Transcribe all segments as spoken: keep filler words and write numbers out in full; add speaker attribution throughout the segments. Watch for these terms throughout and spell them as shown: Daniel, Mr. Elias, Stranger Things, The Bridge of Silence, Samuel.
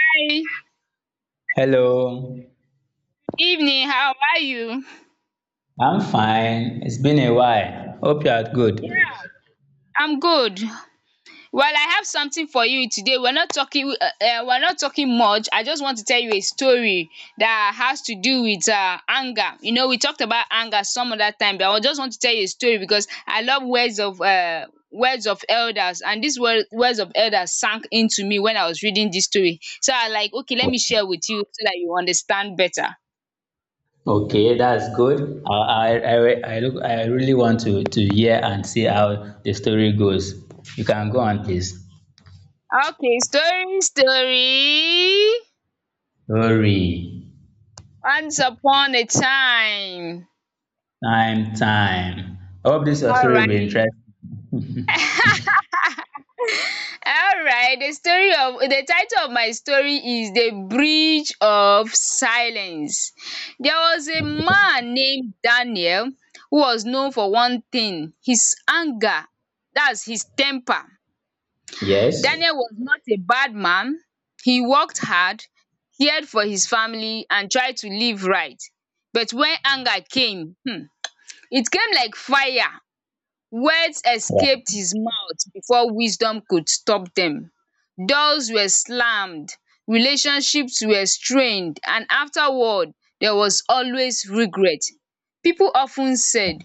Speaker 1: Hi,
Speaker 2: Hello,
Speaker 1: evening. How are you?
Speaker 2: I'm fine. It's been a while. Hope you are good.
Speaker 1: I'm good. Well, I have something for you today. We're not talking. Uh, uh, we're not talking much. I just want to tell you a story that has to do with uh, anger. You know, we talked about anger some other time, but I just want to tell you a story because I love words of uh, words of elders, and these wor- words of elders sank into me when I was reading this story. So I like, okay, let me share with you so that you understand better.
Speaker 2: Okay, that's good. I I, I, I look I really want to, to hear and see how the story goes. You can go on, please.
Speaker 1: Okay, story, story.
Speaker 2: Story.
Speaker 1: Once upon a time.
Speaker 2: Time, time. I hope this your story will be
Speaker 1: Alright.
Speaker 2: interesting.
Speaker 1: Alright. The story of the title of my story is The Bridge of Silence. There was a man named Daniel who was known for one thing, his anger. That's his temper.
Speaker 2: Yes?
Speaker 1: Daniel was not a bad man. He worked hard, cared for his family, and tried to live right. But when anger came, hmm, it came like fire. Words
Speaker 2: Yeah,
Speaker 1: escaped his mouth before wisdom could stop them. Doors were slammed, relationships were strained, and afterward, there was always regret. People often said,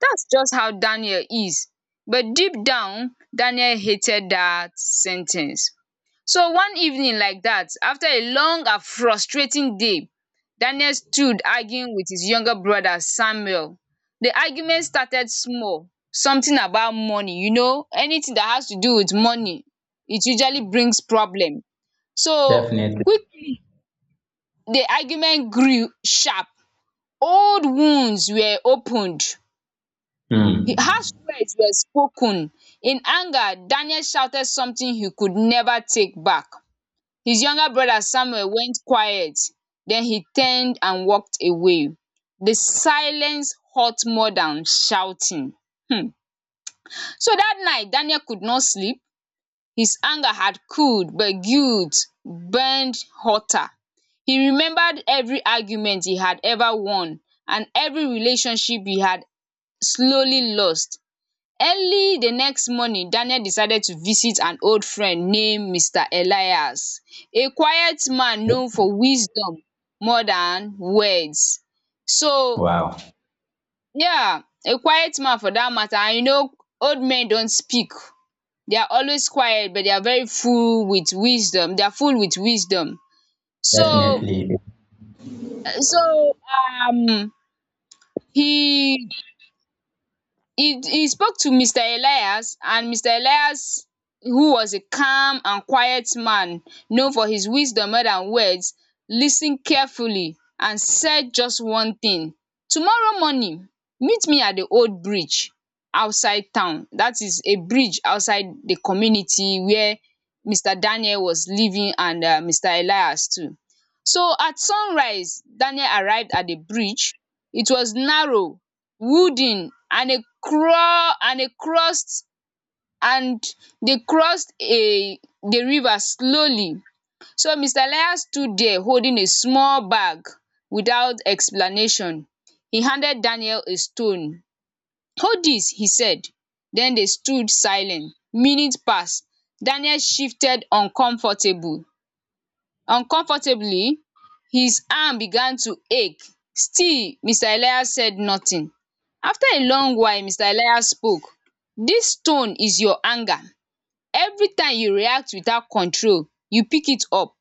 Speaker 1: "That's just how Daniel is." But deep down, Daniel hated that sentence. So one evening, like that, after a long and frustrating day, Daniel stood arguing with his younger brother Samuel. The argument started small, something about money. You know, anything that has to do with money, it usually brings problem. So
Speaker 2: definitely.
Speaker 1: quickly, the argument grew sharp. Old wounds were opened.
Speaker 2: Hmm.
Speaker 1: He- Harsh words were spoken. In anger, Daniel shouted something he could never take back. His younger brother Samuel went quiet. Then he turned and walked away. The silence hurt more than shouting. Hmm. So that night, Daniel could not sleep. His anger had cooled, but guilt burned hotter. He remembered every argument he had ever won and every relationship he had slowly lost. Early the next morning, Daniel decided to visit an old friend named mister Elias, a quiet man known for wisdom more than words. So,
Speaker 2: Wow.
Speaker 1: yeah, a quiet man for that matter. And you know, old men don't speak, they are always quiet but they are very full with wisdom. They are full with wisdom. So
Speaker 2: Definitely.
Speaker 1: so um he He he spoke to mister Elias, and mister Elias, who was a calm and quiet man, known for his wisdom more than words, listened carefully and said just one thing. "Tomorrow morning, meet me at the old bridge outside town." That is a bridge outside the community where mister Daniel was living and um mister Elias too. So at sunrise, Daniel arrived at the bridge. It was narrow, wooden, and a cro and a crossed and they crossed a the river slowly. So Mr. Elias stood there holding a small bag. Without explanation, he handed Daniel a stone. "Hold this," he said. Then they stood silent. Minutes passed. Daniel shifted uncomfortable uncomfortably. His arm began to ache. Still Mr. Elias said nothing. After a long while, Mr. Elias spoke. Dis tone is your anger. Everytime you react without control you pick it up.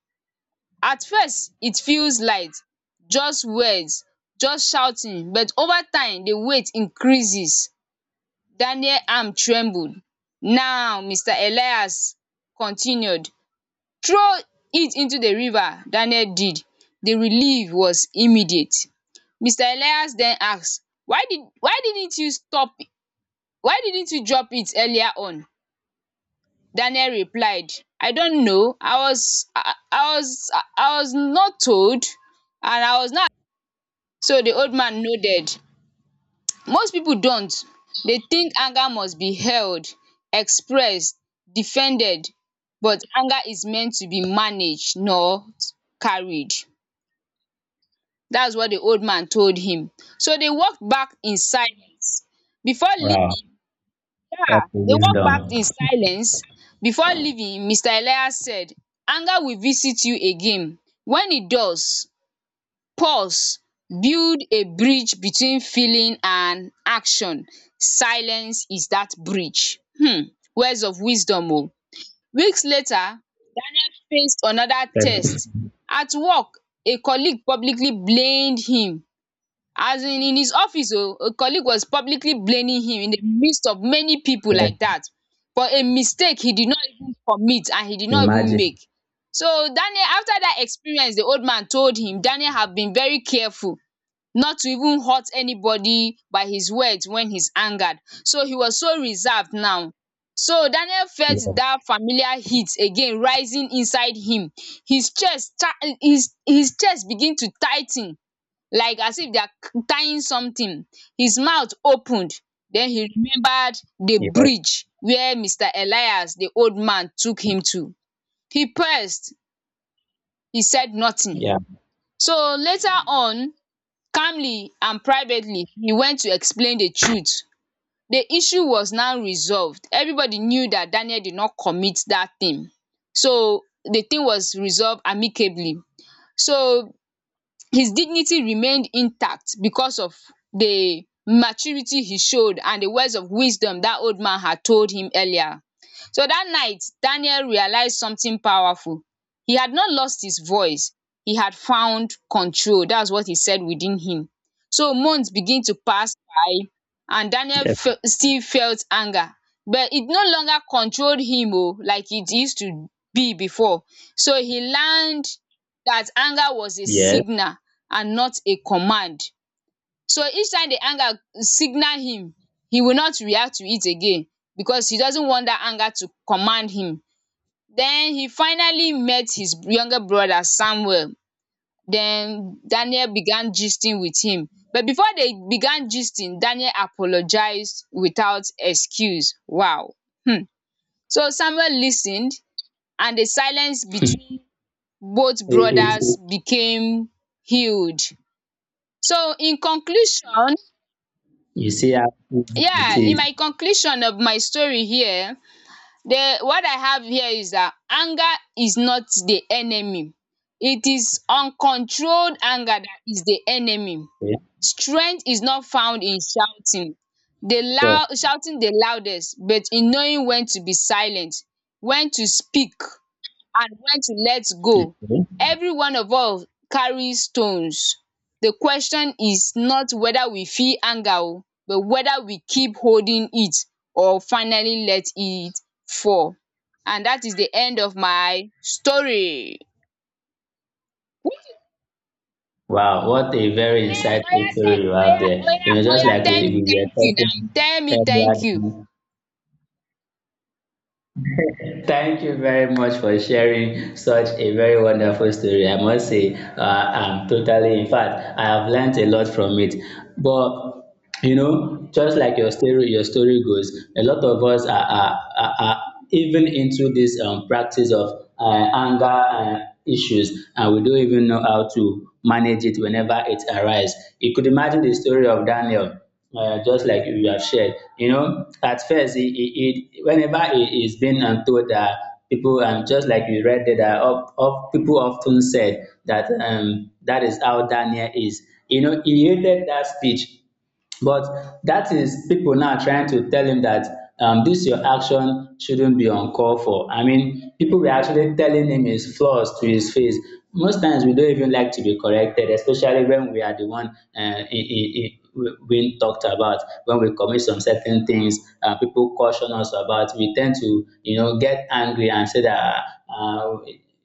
Speaker 1: At first it feels light, just words, just shouting, but over time the weight increases." daniel arm trembled. Now Mr. Elias continued, "Throw it into the river." Daniel did. The relief was immediate. mister Elias then asked, why did Why didn't you stop, why didn't you drop it earlier on?" Daniel replied, "I don't know. I was I I was I was not told and I was not." So the old man nodded. "Most people don't. They think anger must be held, expressed, defended, but anger is meant to be managed, not carried." That's what the old man told him. So they walked back in silence. Before
Speaker 2: Wow.
Speaker 1: leaving, yeah,
Speaker 2: What a
Speaker 1: they walked back
Speaker 2: wisdom.
Speaker 1: in silence. Before leaving, mister Elias said, "Anger will visit you again. When it does, pause, build a bridge between feeling and action. Silence is that bridge." Hmm, words of wisdom oh. Weeks later, Daniel faced another
Speaker 2: Def-
Speaker 1: test. At work, a colleague publicly blamed him, as in in his office oh, a colleague was publicly blaming him in the midst of many people like that, for a mistake he did not even commit and he did not even
Speaker 2: Imagine.
Speaker 1: make. So Daniel, after that experience the old man told him, Daniel have been very careful not to even hurt anybody by his words when he's angered, so he was so reserved now. So Daniel felt
Speaker 2: Yes.
Speaker 1: that familiar heat again rising inside him. His chest ta- his his chest begin to tighten, like as if they are tying something. His mouth opened, then he remembered the
Speaker 2: Yes.
Speaker 1: bridge where Mr. Elias the old man took him to. He pressed, he said nothing.
Speaker 2: Yeah.
Speaker 1: So later on, calmly and privately, he went to explain the truth. The issue was now resolved, everybody knew that Daniel did not commit that thing. So the thing was resolved amicably. So his dignity remained intact because of the maturity he showed and the words of wisdom that old man had told him earlier. So that night, Daniel realized something powerful. He had not lost his voice, he had found control. That's what he said within him. So months begin to pass by, and Daniel
Speaker 2: Def-
Speaker 1: fe- still felt anger, but it no longer controlled him oh, like it used to be before. So he learned that anger was a
Speaker 2: Yes.
Speaker 1: signal and not a command. So each time the anger signal him, he will not react to it again because he doesn't want that anger to command him. Then he finally met his younger brother Samuel. Then Daniel began gisting with him. But before they began gisting, Daniel apologized without excuse. Wow. Hmm. So Samuel listened, and the silence between both
Speaker 2: It, it,
Speaker 1: brothers became healed. So in conclusion,
Speaker 2: you see how easy it
Speaker 1: yeah, in
Speaker 2: is.
Speaker 1: my conclusion of my story here, the what I have here is that anger is not the enemy, it is uncontrolled anger that is the enemy.
Speaker 2: Okay?
Speaker 1: Strength is not found in shouting, the
Speaker 2: So,
Speaker 1: loud shouting the loudest, but in knowing when to be silent, when to speak, and when to let go.
Speaker 2: okay.
Speaker 1: Every one of us carries stones. The question is not whether we feel anger o but whether we keep holding it or finally let it fall. And that is the end of my story.
Speaker 2: Wow, what a very
Speaker 1: Ehen oya
Speaker 2: insightful
Speaker 1: tell,
Speaker 2: story you have
Speaker 1: oya
Speaker 2: there.
Speaker 1: oya
Speaker 2: You know, just
Speaker 1: oya
Speaker 2: like
Speaker 1: tell
Speaker 2: we,
Speaker 1: me
Speaker 2: we were
Speaker 1: thank you now.
Speaker 2: talking
Speaker 1: Tell me thank you.
Speaker 2: earlier. Thank you very much for sharing such a very wonderful story. I must say, uh, I'm totally, in fact, I have learned a lot from it. But you know, just like your story, your story goes, a lot of us are, are, are, are even into this um, practice of uh, anger uh, issues, and we don't even know how to manage it whenever it arises. You could imagine the story of Daniel uh, just like you have shared, you know, at first, it, it, it whenever it is being um, told that people, um, just like you read there, that of, of people often said that um, that is how Daniel is. You know, he hated that speech, but that is people now trying to tell him that, um, this your action shouldn't be uncalled for. I mean, people were actually telling him his flaws to his face. Most times we don't even like to be corrected, especially when we are the one uh, in, in, we- being talked about. When we commit some certain things, uh, people caution us about, we tend to, you know, get angry and say that, uh,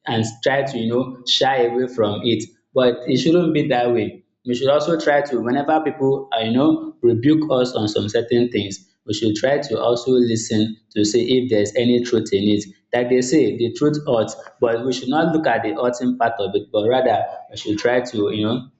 Speaker 2: and try to, you know, shy away from it. But it shouldn't be that way. We should also try to, whenever people, uh, you know, rebuke us on some certain things, we should try to also listen to see if there's any truth in it. Like they say, the truth hurts, but we should not look at the hurting part of it, but rather we should try to, you know,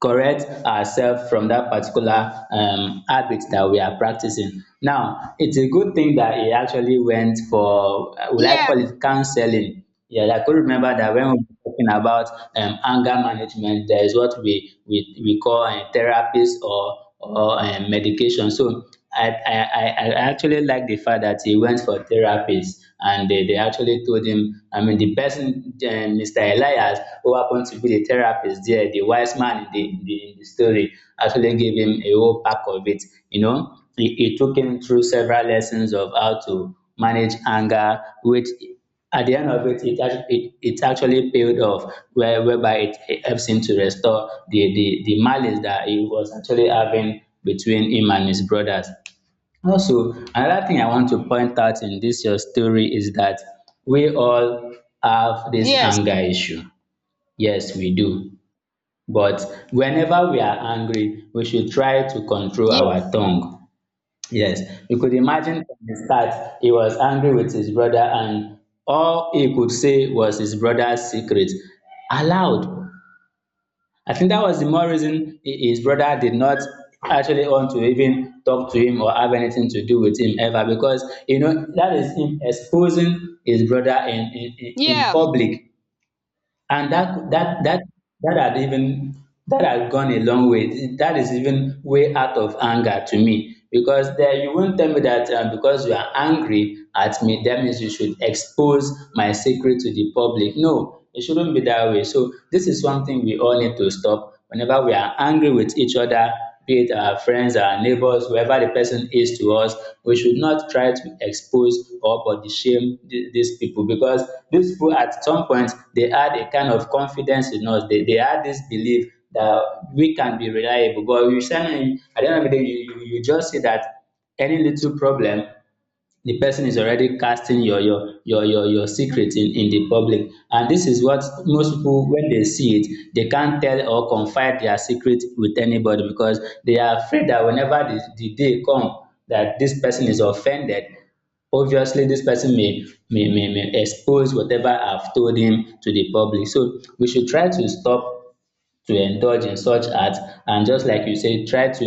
Speaker 2: correct ourselves from that particular um, habit that we are practicing. Now, it's a good thing that he actually went for, uh, will I
Speaker 1: Yeah.
Speaker 2: call it counseling? Yeah, I could remember that when we were talking about um, anger management, there is what we, we, we call a therapist or, or um, medication. So I, I, I I actually like the fact that he went for therapists and they, they actually told him, I mean, the person, uh, Mister Elias, who happened to be the therapist there, the wise man in the, in the, in the story, actually gave him a whole pack of it. You know, he, he took him through several lessons of how to manage anger, which at the end of it, it, act- it, it actually paid off, where, whereby it helps him to restore the, the, the malice that he was actually having between him and his brothers. Also, another thing I want to point out in this your story is that we all have this anger
Speaker 1: Yes.
Speaker 2: issue. Yes, we do. But whenever we are angry, we should try to control our
Speaker 1: Yes.
Speaker 2: tongue. Yes, you could imagine from the start he was angry with his brother, and all he could say was his brother's secret aloud. I think that was the more reason hi- his brother did not actually want to even talk to him or have anything to do with him ever, because you know that is him exposing his brother in in, in in
Speaker 1: Yeah.
Speaker 2: public, and that that that that had even, that had gone a long way. That is even way out of anger to me, because then you won't tell me that, uh, because you are angry at me, that means you should expose my secret to the public. No, it shouldn't be that way. So this is something we all need to stop, whenever we are angry with each other, be it our friends, our neighbors, whoever the person is to us, we should not try to expose or body shame th- these people, because these people at some point they had a kind of confidence in us. They, they had this belief that we can be reliable. But you send in, at the end of the day, you, you, you just see that any little problem, the person is already casting your your your your your secret in in the public. And this is what most people, when they see it, they can't tell or confide their secret with anybody, because they are afraid that whenever the, the day come that this person is offended, obviously this person may, may may may expose whatever I've told him to the public. So we should try to stop to indulge in such art, and, just like you said, try to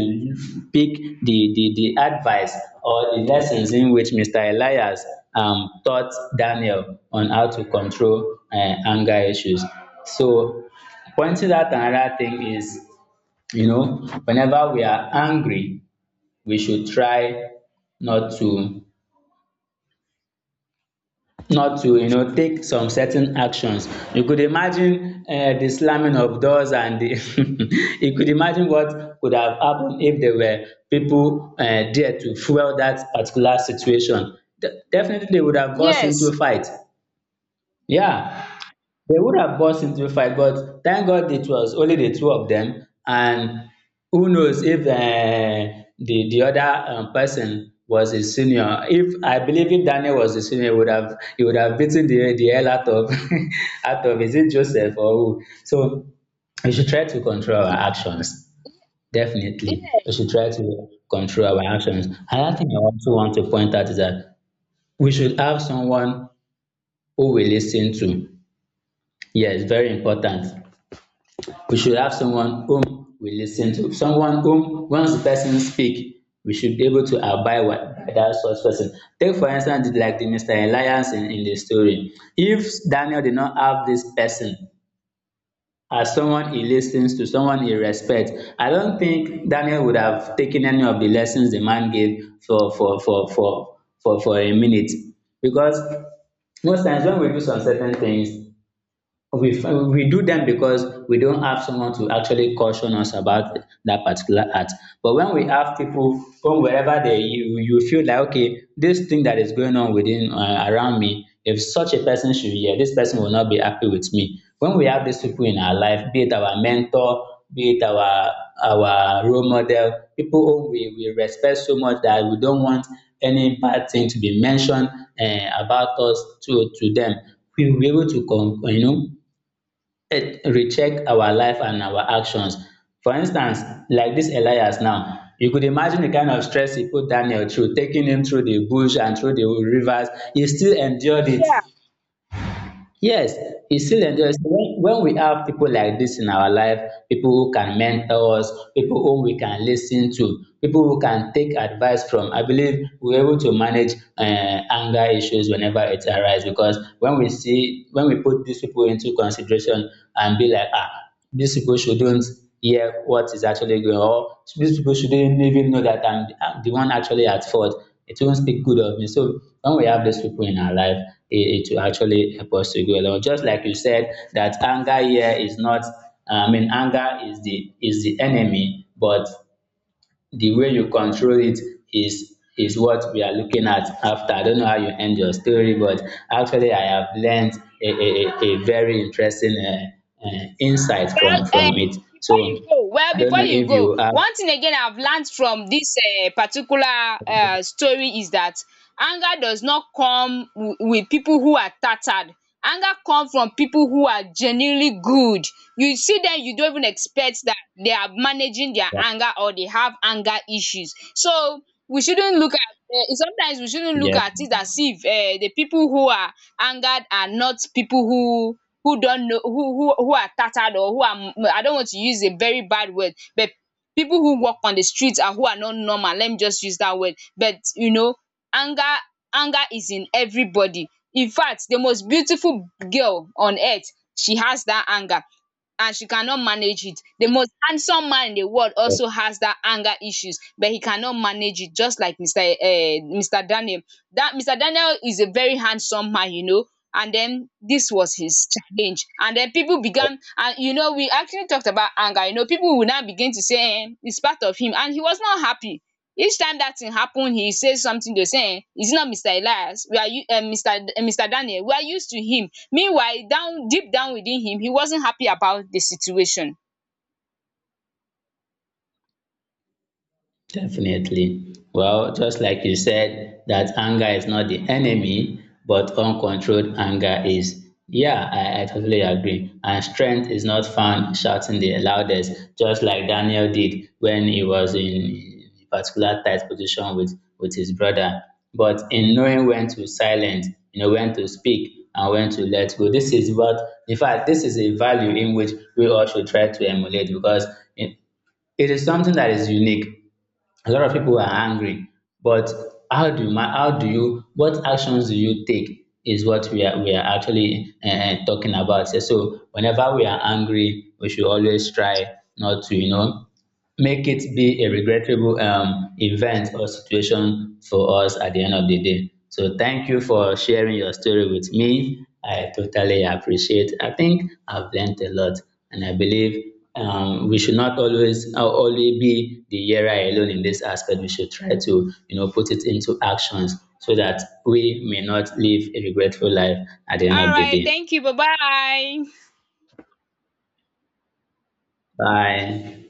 Speaker 2: pick the the the advice or the lessons in which Mr. Elias um taught Daniel on how to control, uh, anger issues. So, pointing out another thing is, you know, whenever we are angry, we should try not to not to, you know, take some certain actions. You could imagine, uh, the slamming of doors and the you could imagine what could have happened if there were people, uh, there to fuel that particular situation. De- definitely they would have burst into a
Speaker 1: Yes.
Speaker 2: fight. Yeah, they would have burst into a fight, but thank God it was only the two of them. And who knows if um the the other um person was a senior. If I believe if Daniel was a senior, he would have, he would have beaten the the hell out of out of, is it Joseph or who? So we should try to control our actions. Definitely, we should
Speaker 1: Yes.
Speaker 2: try to control our actions. Another thing I also want to point out is that we should have someone who we listen to. Yes, very important. We should have someone whom we listen to, someone whom once the person speak, we should be able to abide by that such person. Take for instance like the Mister Elias in, in the story. If Daniel did not have this person as someone he listens to, someone he respects, I don't think Daniel would have taken any of the lessons the man gave for for for for for for a minute, because most times when we do some certain things, We we do them because we don't have someone to actually caution us about that particular act. But when we have people from wherever, they, you you feel like, okay, this thing that is going on within, uh, around me, if such a person should hear, this person will not be happy with me. When we have these people in our life, be it our mentor, be it our our role model, people whom we, we respect so much that we don't want any bad thing to be mentioned, eh, about us to to them. We will be able to con, you know, it recheck our life and our actions. For instance, like dis Elias now, you could imagine the kind of stress e put Daniel through, taking him through the bush and through the rivers. He still endured it.
Speaker 1: Yeah.
Speaker 2: Yes, it's still interesting when when we have people like this in our life, people who can mentor us, people whom we can lis ten to, people who can take advice from, I believe we're able to manage um anger issues whenever it arise, because when we see, when we put these people into consideration and be like, ah, these people shouldn't hear what is actually going on, or these people shouldn't even know that I'm, I'm the one actually at fault. It won't speak good of me. So when we have these people in our life, it, it will actually help us to go along. Just like you said, that anger here is not, I mean, anger is the is the enemy, but the way you control it is is what we are looking at after. I don't know how you end your story, but actually I have learned a, a, a a very interesting uh, uh, insight from
Speaker 1: Well,
Speaker 2: from it.
Speaker 1: um, before you
Speaker 2: So
Speaker 1: go, well,
Speaker 2: I don't
Speaker 1: before
Speaker 2: know
Speaker 1: you
Speaker 2: if
Speaker 1: go,
Speaker 2: you have.
Speaker 1: one thing again I've learned from this um particular um story is that anger does not come wi with people who are tattered. Anger comes from people who are genuinely good. You see them, you don't even expect that they are managing their anger or they have anger issues. So we shouldn't look at um sometimes we shouldn't look
Speaker 2: Yeah.
Speaker 1: at it as if um the people who are angered are not people who who don't know who who who are tattered or who are, I don't want to use a very bad word, but people who walk on the streets and who are not normal, let me just use that word. But you know, anger anger is in everybody. In fact, the most beautiful girl on earth, she has that anger and she cannot manage it. The most handsome man in the world also has that anger issues but he cannot manage it, just like mister um mister Daniel. That mister Daniel is a very handsome man you know, and then this was his challenge, and then people began, and you know we actually talked about anger, you know people will now begin to say um it's part of him and he was not happy. Each time that thing happen he say something, they will say um is it not mister Elias, we are u um mister mister Daniel we are used to him. Meanwhile down, deep down within him, he wasn't happy about the situation.
Speaker 2: Definitely. Well, just like you said, that anger is not the enemy, but uncontrolled anger is. Yeah, I, I totally agree. And strength is not found shouting the loudest, just like Daniel did when he was in a particular tight position with, with his brother. But in knowing when to silence, you know, when to speak and when to let go. This is what, in fact, this is a value in which we all should try to emulate, because it, it is something that is unique. A lot of people are angry, but how do you ma how do you, what actions do you take is what we are we are actually, uh, talking about. So whenever we are angry, we should always try not to, you know, make it be a regrettable um, event or situation for us at the end of the day. So thank you for sharing your story with me. I totally appreciate. I think I've learned a lot, and I believe um, we should not always, uh, only be the yearer alone in this aspect. We should try to, you know, put it into actions so that we may not live a regretful life at the end of the
Speaker 1: Alright,
Speaker 2: day.
Speaker 1: thank you, bye bye.
Speaker 2: Bye.